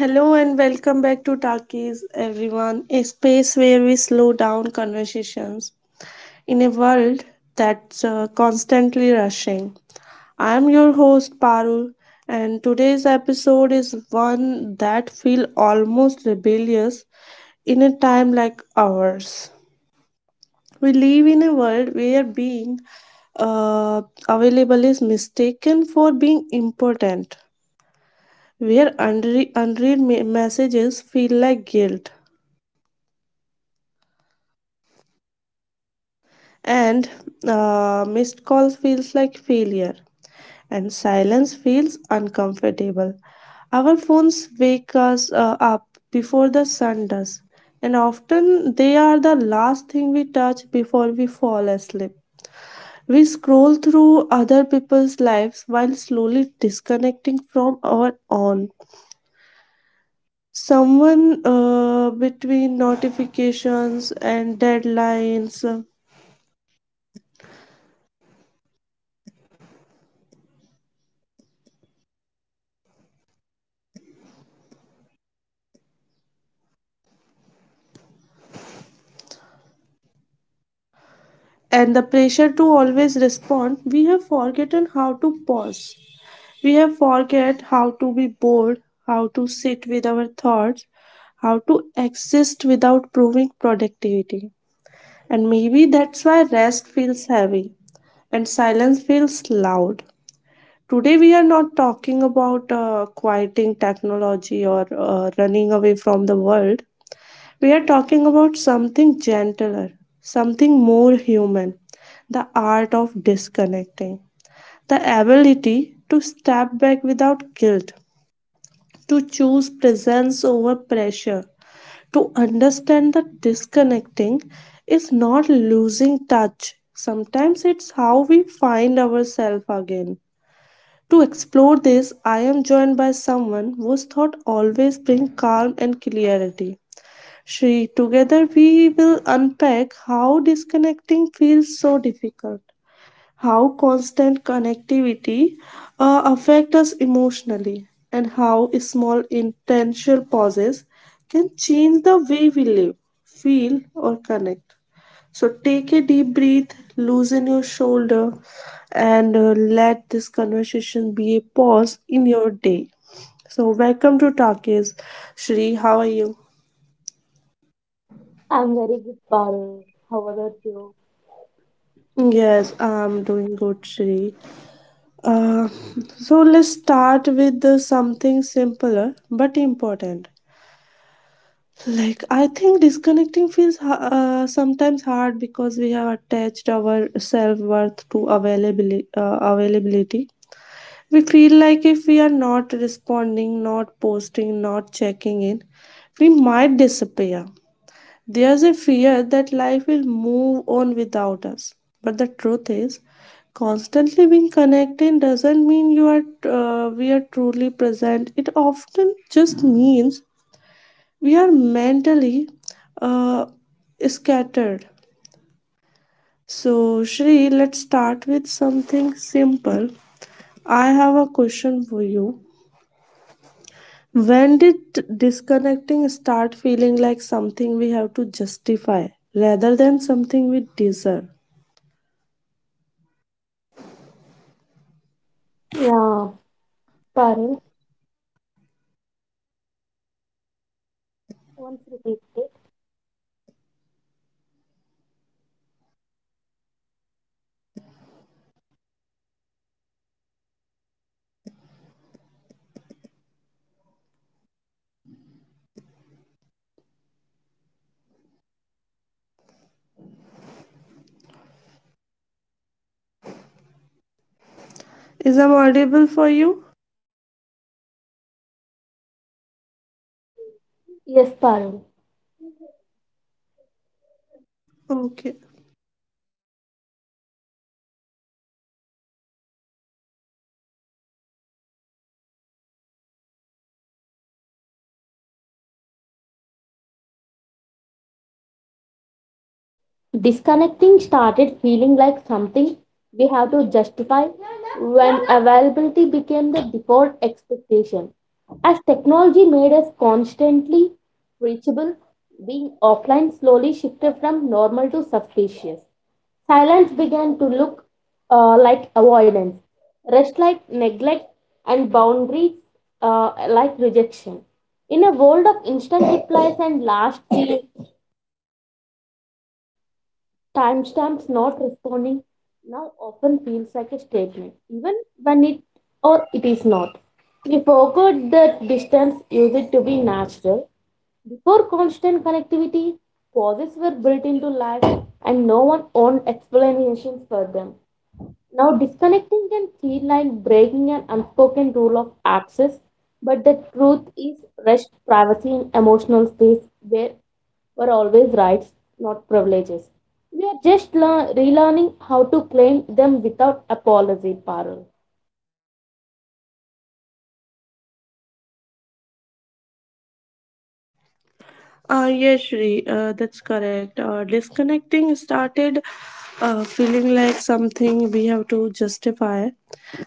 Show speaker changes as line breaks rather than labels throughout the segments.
Hello and welcome back to Talkies, everyone, a space where we slow down conversations in a world that's constantly rushing. I'm your host Parul, and today's episode is one that feels almost rebellious in a time like ours. We live in a world where being uh, available is mistaken for being important, where unread messages feel like guilt, and missed calls feels like failure, and silence feels uncomfortable. Our phones wake us up before the sun does, and often they are the last thing we touch before we fall asleep. We scroll through other people's lives while slowly disconnecting from our own. Someone, between notifications and deadlines, and the pressure to always respond, we have forgotten how to pause. We have forget how to be bored, how to sit with our thoughts, how to exist without proving productivity. And maybe that's why rest feels heavy and silence feels loud. Today, we are not talking about quieting technology or running away from the world. We are talking about something gentler, something more human, the art of disconnecting, the ability to step back without guilt, to choose presence over pressure, to understand that disconnecting is not losing touch. Sometimes it's how we find ourselves again. To explore this, I am joined by someone whose thought always bring calm and clarity. Shri, together we will unpack how disconnecting feels so difficult, how constant connectivity affects us emotionally, and how small intentional pauses can change the way we live, feel, or connect. So take a deep breath, loosen your shoulder, and let this conversation be a pause in your day. So welcome to Talkies. Shri, how are you?
I'm very good, Parul. How about you?
Yes, I'm doing good, Shri. Uh, so let's start with the something simpler but important. Like I think disconnecting feels sometimes hard because we have attached our self worth to availability. Availability. We feel like if we are not responding, not posting, not checking in, we might disappear. There's a fear that life will move on without us. But the truth is, constantly being connected doesn't mean you are we are truly present. It often just means we are mentally uh, scattered. So, Shri, let's start with something simple. I have a question for you. When did disconnecting start feeling like something we have to justify rather than something we deserve?
Yeah, Parul. Once repeat it.
Is I'm audible for you?
Yes, Parul.
Okay.
Disconnecting started feeling like something we have to justify when availability became the default expectation. As technology made us constantly reachable, being offline slowly shifted from normal to suspicious. Silence began to look like avoidance, rest like neglect, and boundaries like rejection. In a world of instant replies and last seen, timestamps not responding now often feels like a statement, even when it or it is not. We forgot that distance used it to be natural. Before constant connectivity, pauses were built into life and no one owned explanations for them. Now, disconnecting can feel like breaking an unspoken rule of access, but the truth is rest, privacy, and emotional space where were always rights, not privileges. We are just relearning how to claim them without apology, Parul.
Yes, Shri, that's correct. Disconnecting started feeling like something we have to justify.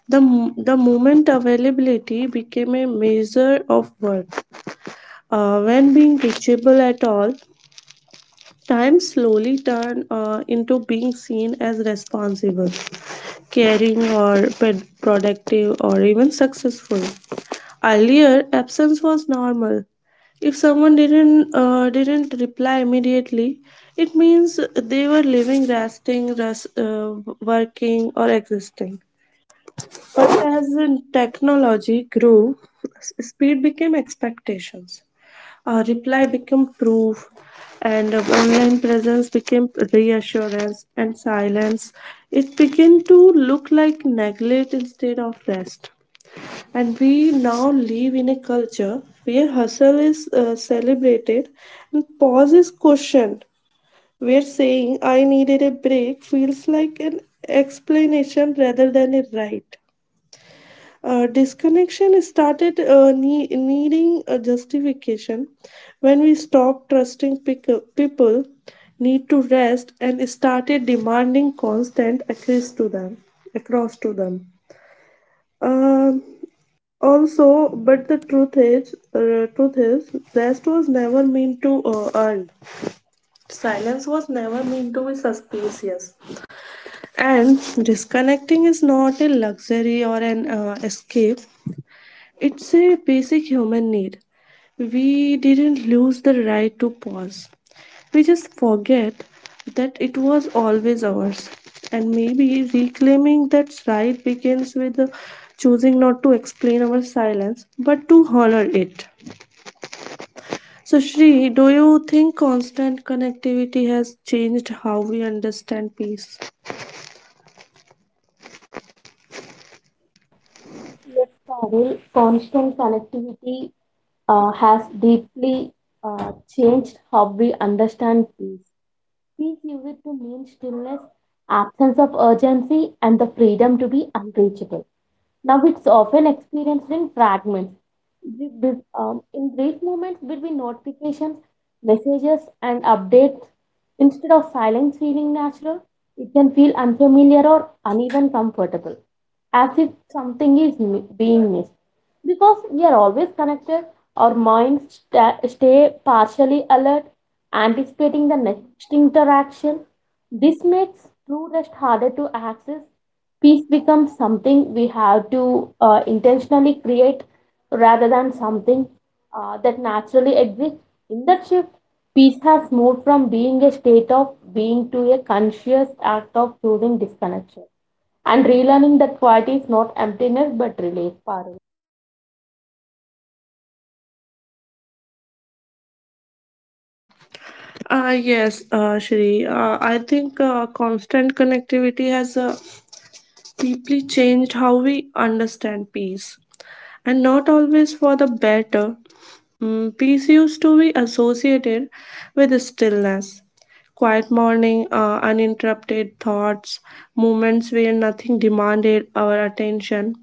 The moment availability became a measure of worth. When being reachable at all, time slowly turned into being seen as responsible, caring, or productive, or even successful. Earlier, absence was normal. If someone didn't reply immediately, it means they were living, resting, working, or existing. But as in technology grew, speed became expectations. Reply became proof, and online presence became reassurance, and silence. It began to look like neglect instead of rest. And we now live in a culture where hustle is celebrated and pause is questioned, where saying I needed a break feels like an explanation rather than a right. Disconnection started needing a justification when we stopped trusting people need to rest and started demanding constant access to them across to them. Um, Also, but the truth is, rest was never meant to earn. Silence was never meant to be suspicious. And disconnecting is not a luxury or an escape. It's a basic human need. We didn't lose the right to pause. We just forget that it was always ours. And maybe reclaiming that right begins with choosing not to explain our silence but to honor it. So, Shri, do you think constant connectivity has changed how we understand peace?
Yes, Parul, constant connectivity has deeply changed how we understand peace. Peace used to mean stillness absence of urgency, and the freedom to be unreachable. Now, it's often experienced in fragments, in brief moments between notifications, messages, and updates. Instead of silence feeling natural, it can feel unfamiliar or uneven comfortable, as if something is being missed. Because we are always connected, our minds stay partially alert, anticipating the next interaction. This makes true rest harder to access. Peace becomes something we have to intentionally create rather than something that naturally exists. In that shift, peace has moved from being a state of being to a conscious act of choosing disconnection and relearning that quiet is not emptiness but relief, Parul.
Yes, Shri. I think constant connectivity has deeply changed how we understand peace, and not always for the better. Peace used to be associated with stillness, quiet morning, uninterrupted thoughts, moments where nothing demanded our attention.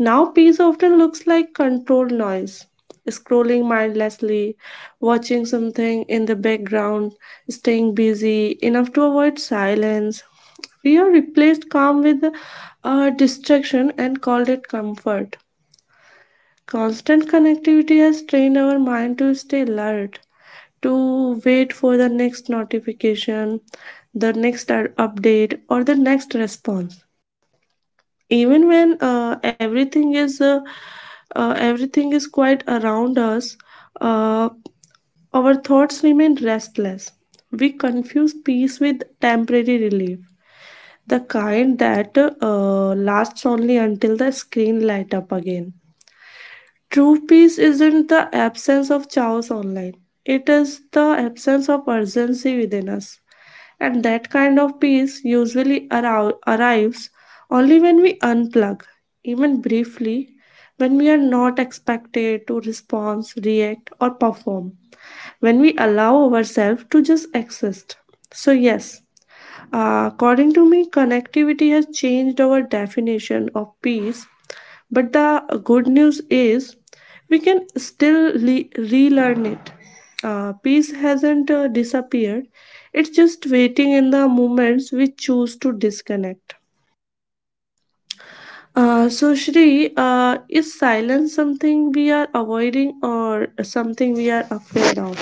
Now, peace often looks like controlled noise, scrolling mindlessly, watching something in the background, staying busy enough to avoid silence. We are replaced calm with distraction and called it comfort. Constant connectivity has trained our mind to stay alert, to wait for the next notification, the next update, or the next response, even when everything is quiet around us. uh, our thoughts remain restless. We confuse peace with temporary relief, the kind that lasts only until the screen light up again. True peace isn't the absence of chaos online, it is the absence of urgency within us. And that kind of peace usually arrives only when we unplug, even briefly, when we are not expected to respond, react, or perform, when we allow ourselves to just exist. So, yes, according to me, connectivity has changed our definition of peace, but the good news is we can still relearn it. Peace hasn't disappeared, it's just waiting in the moments we choose to disconnect. So, Shri, is silence something we are avoiding or something we are afraid of?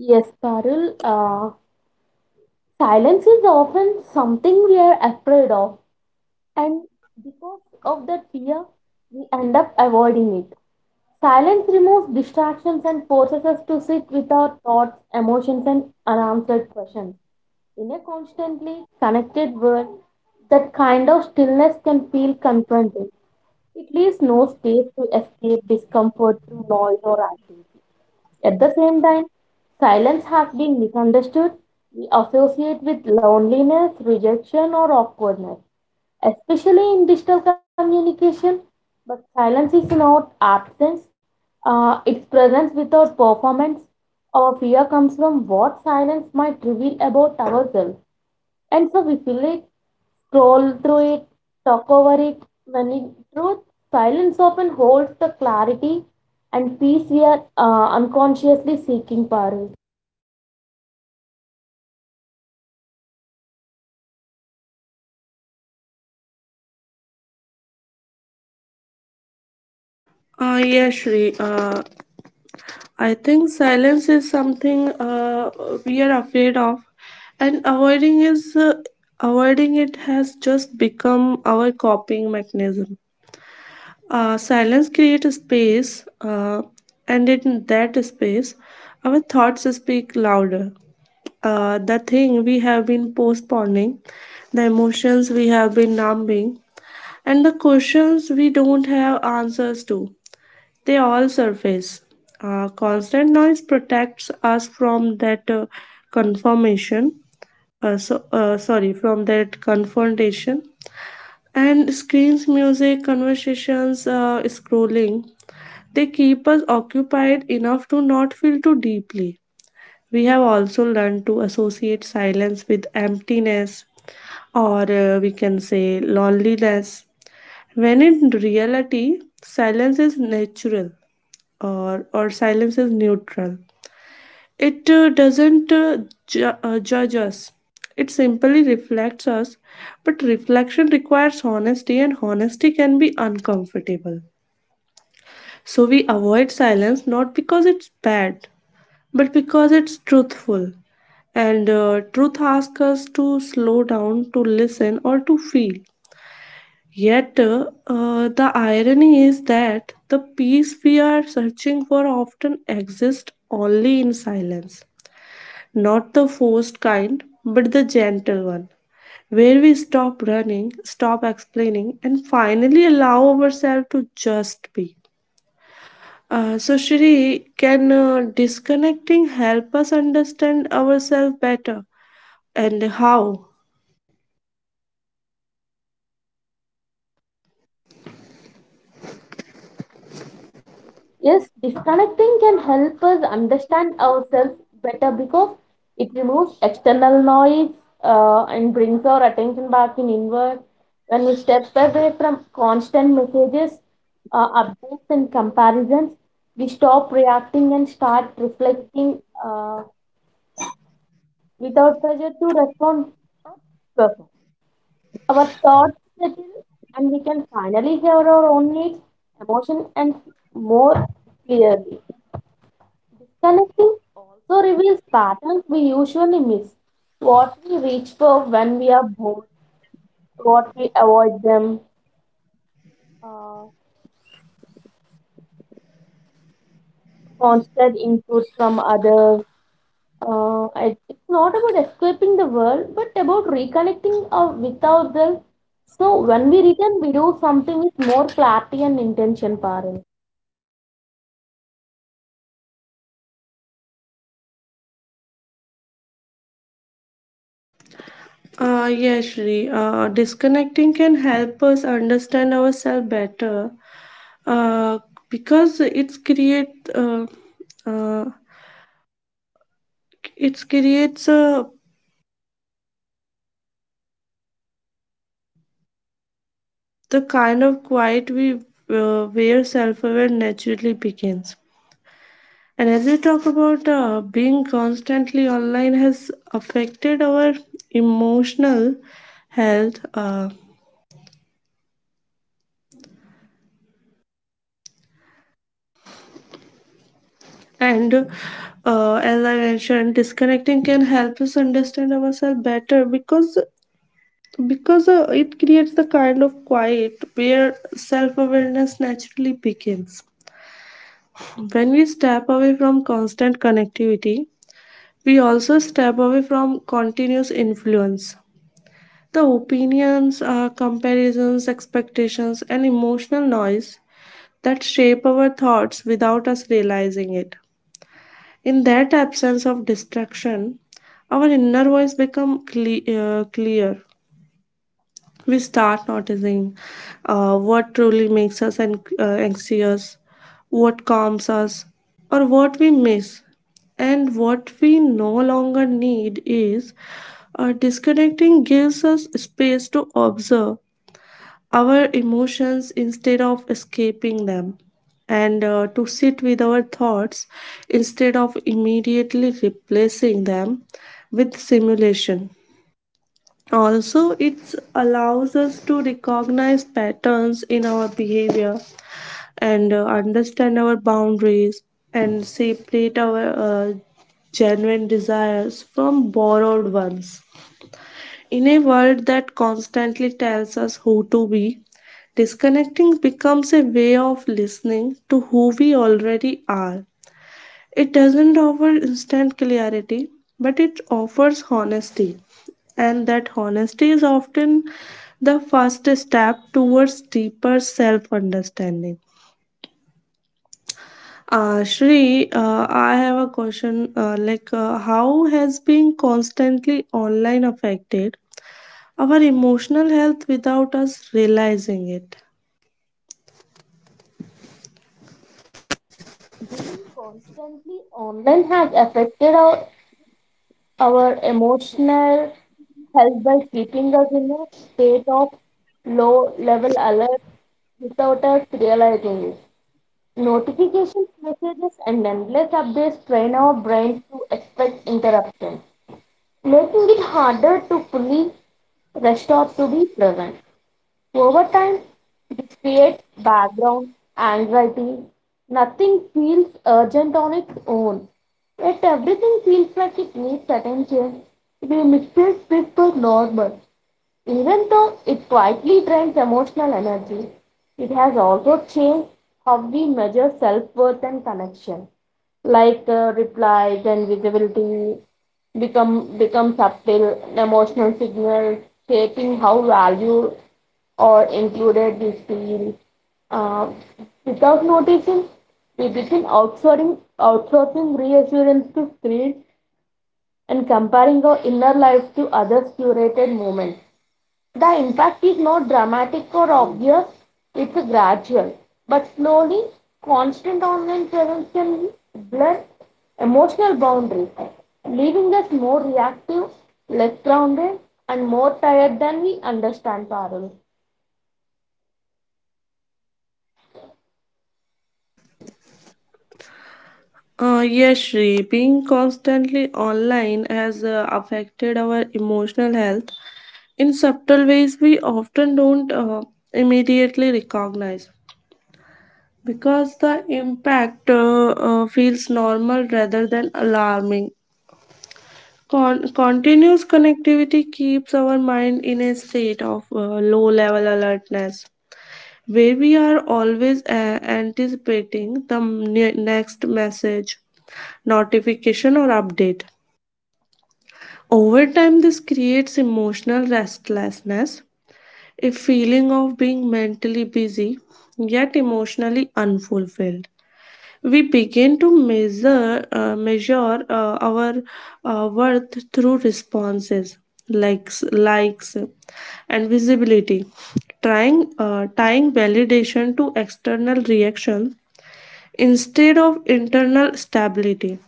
Yes, Parul. Silence is often something we are afraid of, and because of that fear, we end up avoiding it. Silence removes distractions and forces us to sit with our thoughts, emotions, and unanswered questions. In a constantly connected world, that kind of stillness can feel confronting. It leaves no space to escape discomfort through noise or activity. At the same time, silence has been misunderstood. We associate with loneliness, rejection, or awkwardness, especially in digital communication. But silence is not absence, it's presence without performance. Our fear comes from what silence might reveal about ourselves. And so we feel it, scroll through it, talk over it, when in truth, silence often holds the clarity and peace we are unconsciously seeking, Paru.
Yeah, Shri. I think silence is something we are afraid of, and avoiding it has just become our coping mechanism. Silence creates space, and in that space, our thoughts speak louder. The thing we have been postponing, the emotions we have been numbing, and the questions we don't have answers to. They all surface. Constant noise protects us from that confirmation. Sorry, from that confrontation. And screens, music, conversations, scrolling, they keep us occupied enough to not feel too deeply. We have also learned to associate silence with emptiness, or we can say loneliness. When in reality, silence is natural, or silence is neutral. It doesn't judge us, it simply reflects us. But reflection requires honesty, and honesty can be uncomfortable. So we avoid silence not because it's bad, but because it's truthful. And truth asks us to slow down, to listen, or to feel. Yet, the irony is that the peace we are searching for often exists only in silence, not the forced kind, but the gentle one, where we stop running, stop explaining, and finally allow ourselves to just be. So, Shri, can disconnecting help us understand ourselves better? And how?
Yes, disconnecting can help us understand ourselves better because it removes external noise and brings our attention back in inward. When we step away from constant messages, updates, and comparisons, we stop reacting and start reflecting without pressure to respond perfect. Our thoughts settle, and we can finally hear our own needs, emotion, and more clearly. Connecting also reveals patterns we usually miss. What we reach for when we are bored, what we avoid them, uh, constant input from others. It's not about escaping the world, but about reconnecting with ourselves. So when we return, we do something with more clarity and intention, Parul.
Yes, Shri. Disconnecting can help us understand ourselves better uh, because uh, uh, it creates the kind of quiet we where self-aware naturally begins. And as we talk about being constantly online has affected our emotional health. And As I mentioned, disconnecting can help us understand ourselves better because it creates the kind of quiet where self-awareness naturally begins. When we step away from constant connectivity, we also step away from continuous influence. The opinions, comparisons, expectations, and emotional noise that shape our thoughts without us realizing it. In that absence of distraction, our inner voice become clear. We start noticing what truly makes us anxious, what calms us, or what we miss. And what we no longer need is, disconnecting gives us space to observe our emotions instead of escaping them, and to sit with our thoughts instead of immediately replacing them with simulation. Also, it allows us to recognize patterns in our behavior, and understand our boundaries, and separate our uh, genuine desires from borrowed ones. In a world that constantly tells us who to be, disconnecting becomes a way of listening to who we already are. It doesn't offer instant clarity, but it offers honesty, and that honesty is often the first step towards deeper self understanding. Shri, I have a question, how has being constantly online affected our emotional health without us realizing it?
Being constantly online has affected our emotional health by keeping us in a state of low level alert without us realizing it. Notifications, messages, and endless updates train our brains to expect interruptions, making it harder to fully restore to be present. Over time, this creates background anxiety. Nothing feels urgent on its own, yet everything feels like it needs attention. It mixes with the normal. Even though it quietly drains emotional energy, it has also changed how we measure self worth and connection. Like replies and visibility become subtle emotional signals, shaping how value or included we feel, uh, without noticing we begin outsourcing reassurance to screens and comparing our inner lives to others curated moments. The impact is not dramatic or obvious, it's gradual, but slowly constant online presence can blur emotional boundaries, leaving us more reactive, less grounded, and more tired than we understand, parallel.
Yes, Shri, being constantly online has affected our emotional health in subtle ways we often don't immediately recognize because the impact feels normal rather than alarming. Continuous connectivity keeps our mind in a state of low level alertness where we are always anticipating the next message, notification, or update. Over time, this creates emotional restlessness, a feeling of being mentally busy yet emotionally unfulfilled. We begin to measure our worth through responses, likes, and visibility, trying tying validation to external reaction instead of internal stability.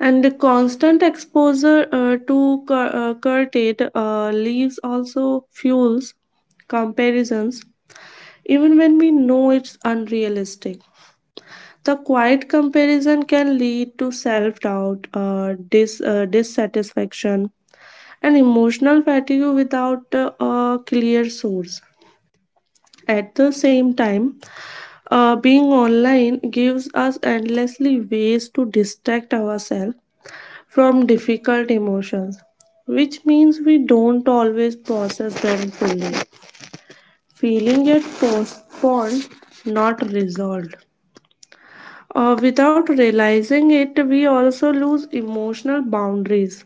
And the constant exposure to curtailed leaves also fuels comparisons, even when we know it's unrealistic. The quiet comparison can lead to self doubt, dissatisfaction, and emotional fatigue without a clear source. At the same time, being online gives us endlessly ways to distract ourselves from difficult emotions, which means we don't always process them fully. Feeling yet postponed, not resolved. Without realizing it, we also lose emotional boundaries.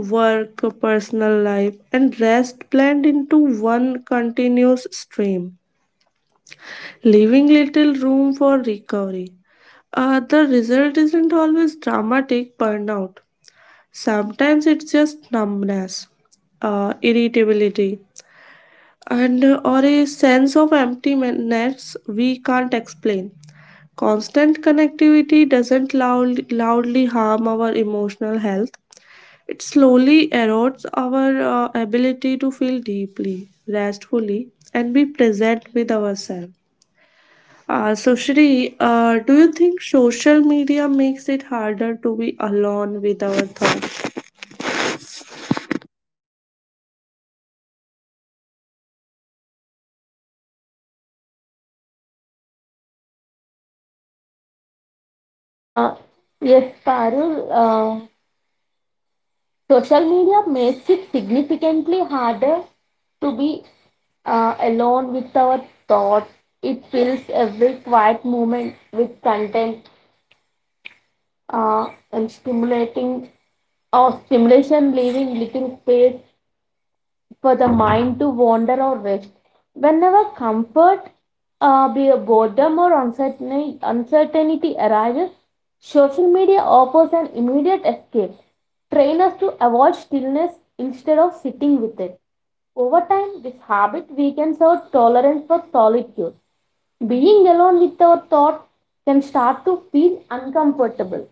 Work, personal life, and rest blend into one continuous stream, leaving little room for recovery. The result isn't always dramatic burnout. Sometimes it's just numbness, irritability, and or a sense of emptiness we can't explain. Constant connectivity doesn't loudly harm our emotional health. It slowly erodes our ability to feel deeply, restfully, and be present with ourselves. So, Shri, do you think social media makes it harder to be alone with our thoughts?
Uh, yes, Parul, social media makes it significantly harder to be alone with our thoughts. It fills every quiet moment with content and stimulating or stimulation, leaving little space for the mind to wander or rest. Whenever comfort, boredom, or uncertainty arises, social media offers an immediate escape. Train us to avoid stillness instead of sitting with it. Over time, this habit weakens our tolerance for solitude. Being alone with our thoughts can start to feel uncomfortable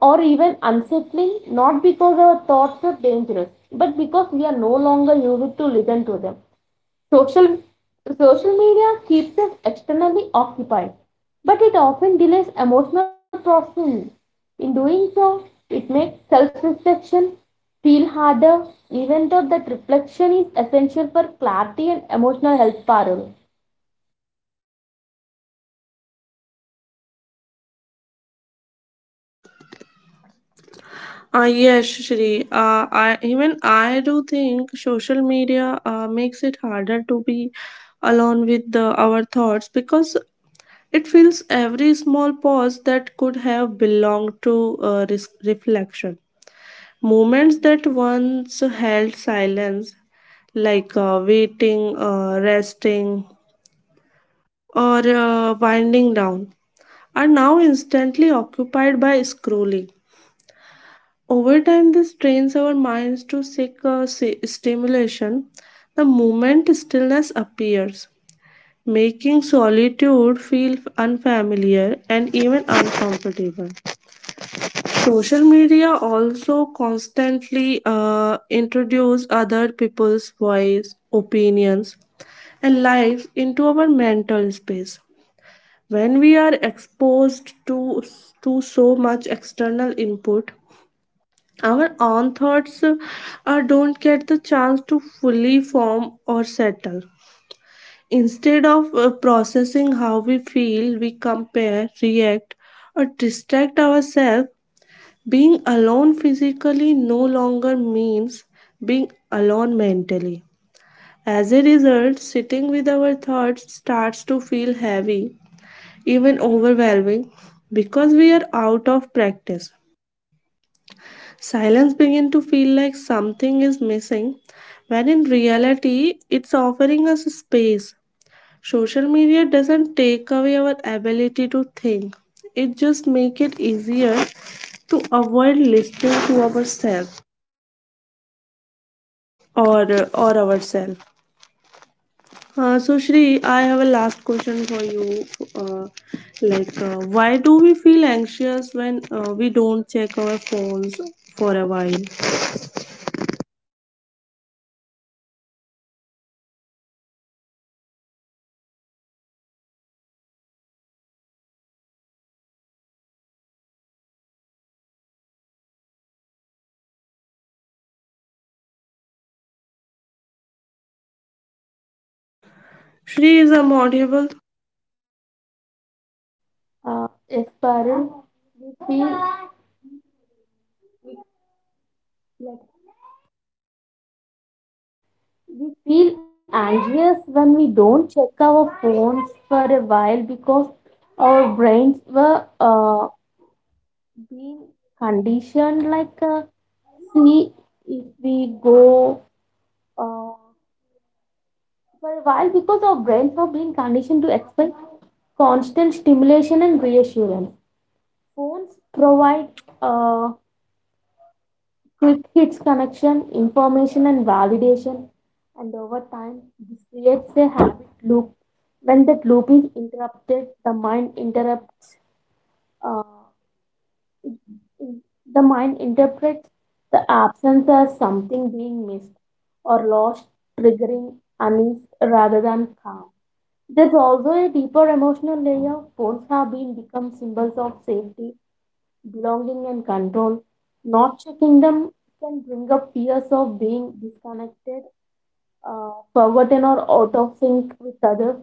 or even unsettling, not because our thoughts are dangerous, but because we are no longer used to listen to them. Social, Social media keeps us externally occupied, but it often delays emotional processing. In doing so, it makes self reflection feel harder, even though that reflection is essential for clarity and emotional health. Parul.
Yes, Shri. Even I do think social media makes it harder to be alone with our thoughts, because it fills every small pause that could have belonged to reflection. Moments that once held silence, like waiting, resting, or winding down, are now instantly occupied by scrolling. Over time, this trains our minds to seek stimulation. The moment stillness appears, making solitude feel unfamiliar and even uncomfortable. Social media also constantly introduce other people's voice, opinions, and lives into our mental space. When we are exposed to so much external input, our own thoughts don't get the chance to fully form or settle. Instead of processing how we feel, we compare, react, or distract ourselves. Being alone physically no longer means being alone mentally. As a result, sitting with our thoughts starts to feel heavy, even overwhelming, because we are out of practice. Silence begins to feel like something is missing, when in reality, it's offering us space. Social media doesn't take away our ability to think. It just makes it easier to avoid listening to ourselves. Or ourselves. So, Shri, I have a last question for you. Uh, why do we feel anxious when we don't check our phones for a while? Shri is a modable.
Yes, Parul. We feel We feel anxious when we don't check our phones for a while because our brains were being conditioned like see if we go uh, for a while because our brains were being conditioned to expect constant stimulation and reassurance. Phones provide uh, quick hits connection, information, and validation, and over time, this creates a habit loop. When that loop is interrupted, the mind interrupts. Uh, the mind interprets the absence as something being missed or lost, triggering unease rather than calm. There's also a deeper emotional layer. Phones have been become symbols of safety belonging, and control. Not checking them can bring up fears of being disconnected, forgotten, or out of sync with others.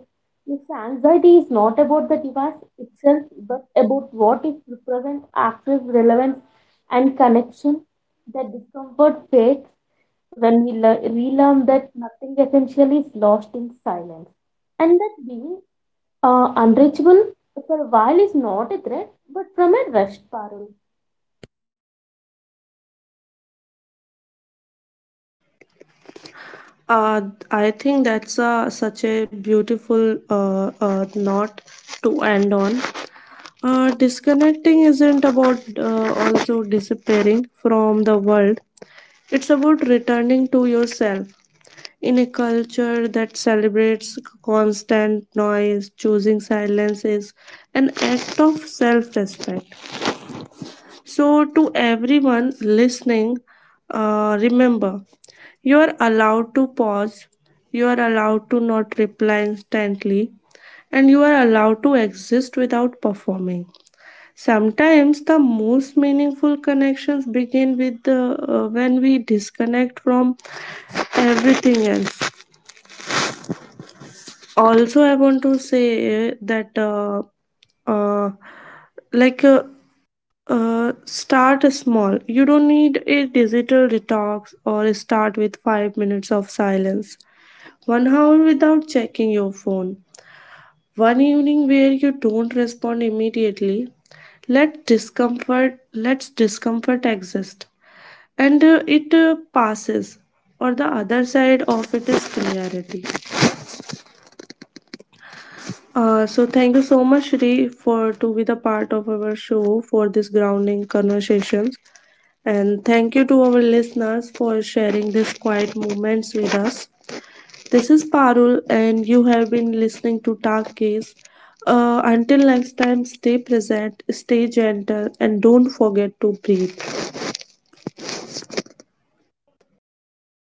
This anxiety is not about the device itself, but about what it represents access, relevance, and connection. The discomfort fades when we relearn that nothing essential is lost in silence, and that being unreachable for a while is not a threat, but from a rushed parallel.
Uh, I think that's a, such a beautiful note to end on. Disconnecting isn't about also disappearing from the world, it's about returning to yourself. In a culture that celebrates constant noise, choosing silence is an act of self respect. So, to everyone listening, remember, you are allowed to pause, you are allowed to not reply instantly, and you are allowed to exist without performing. Sometimes the most meaningful connections begin with when we disconnect from everything else. Also, I want to say that uh, like uh, start small. You don't need a digital detox. Or start with 5 minutes of silence, 1 hour without checking your phone, one evening where you don't respond immediately. Let discomfort exist, and it passes. Or the other side of it is clarity. So, thank you so much, Shri, for to be the part of our show for this grounding conversations, and thank you to our listeners for sharing these quiet moments with us. This is Parul, and you have been listening to Talkies. Case. Until next time, stay present, stay gentle, and don't forget to breathe.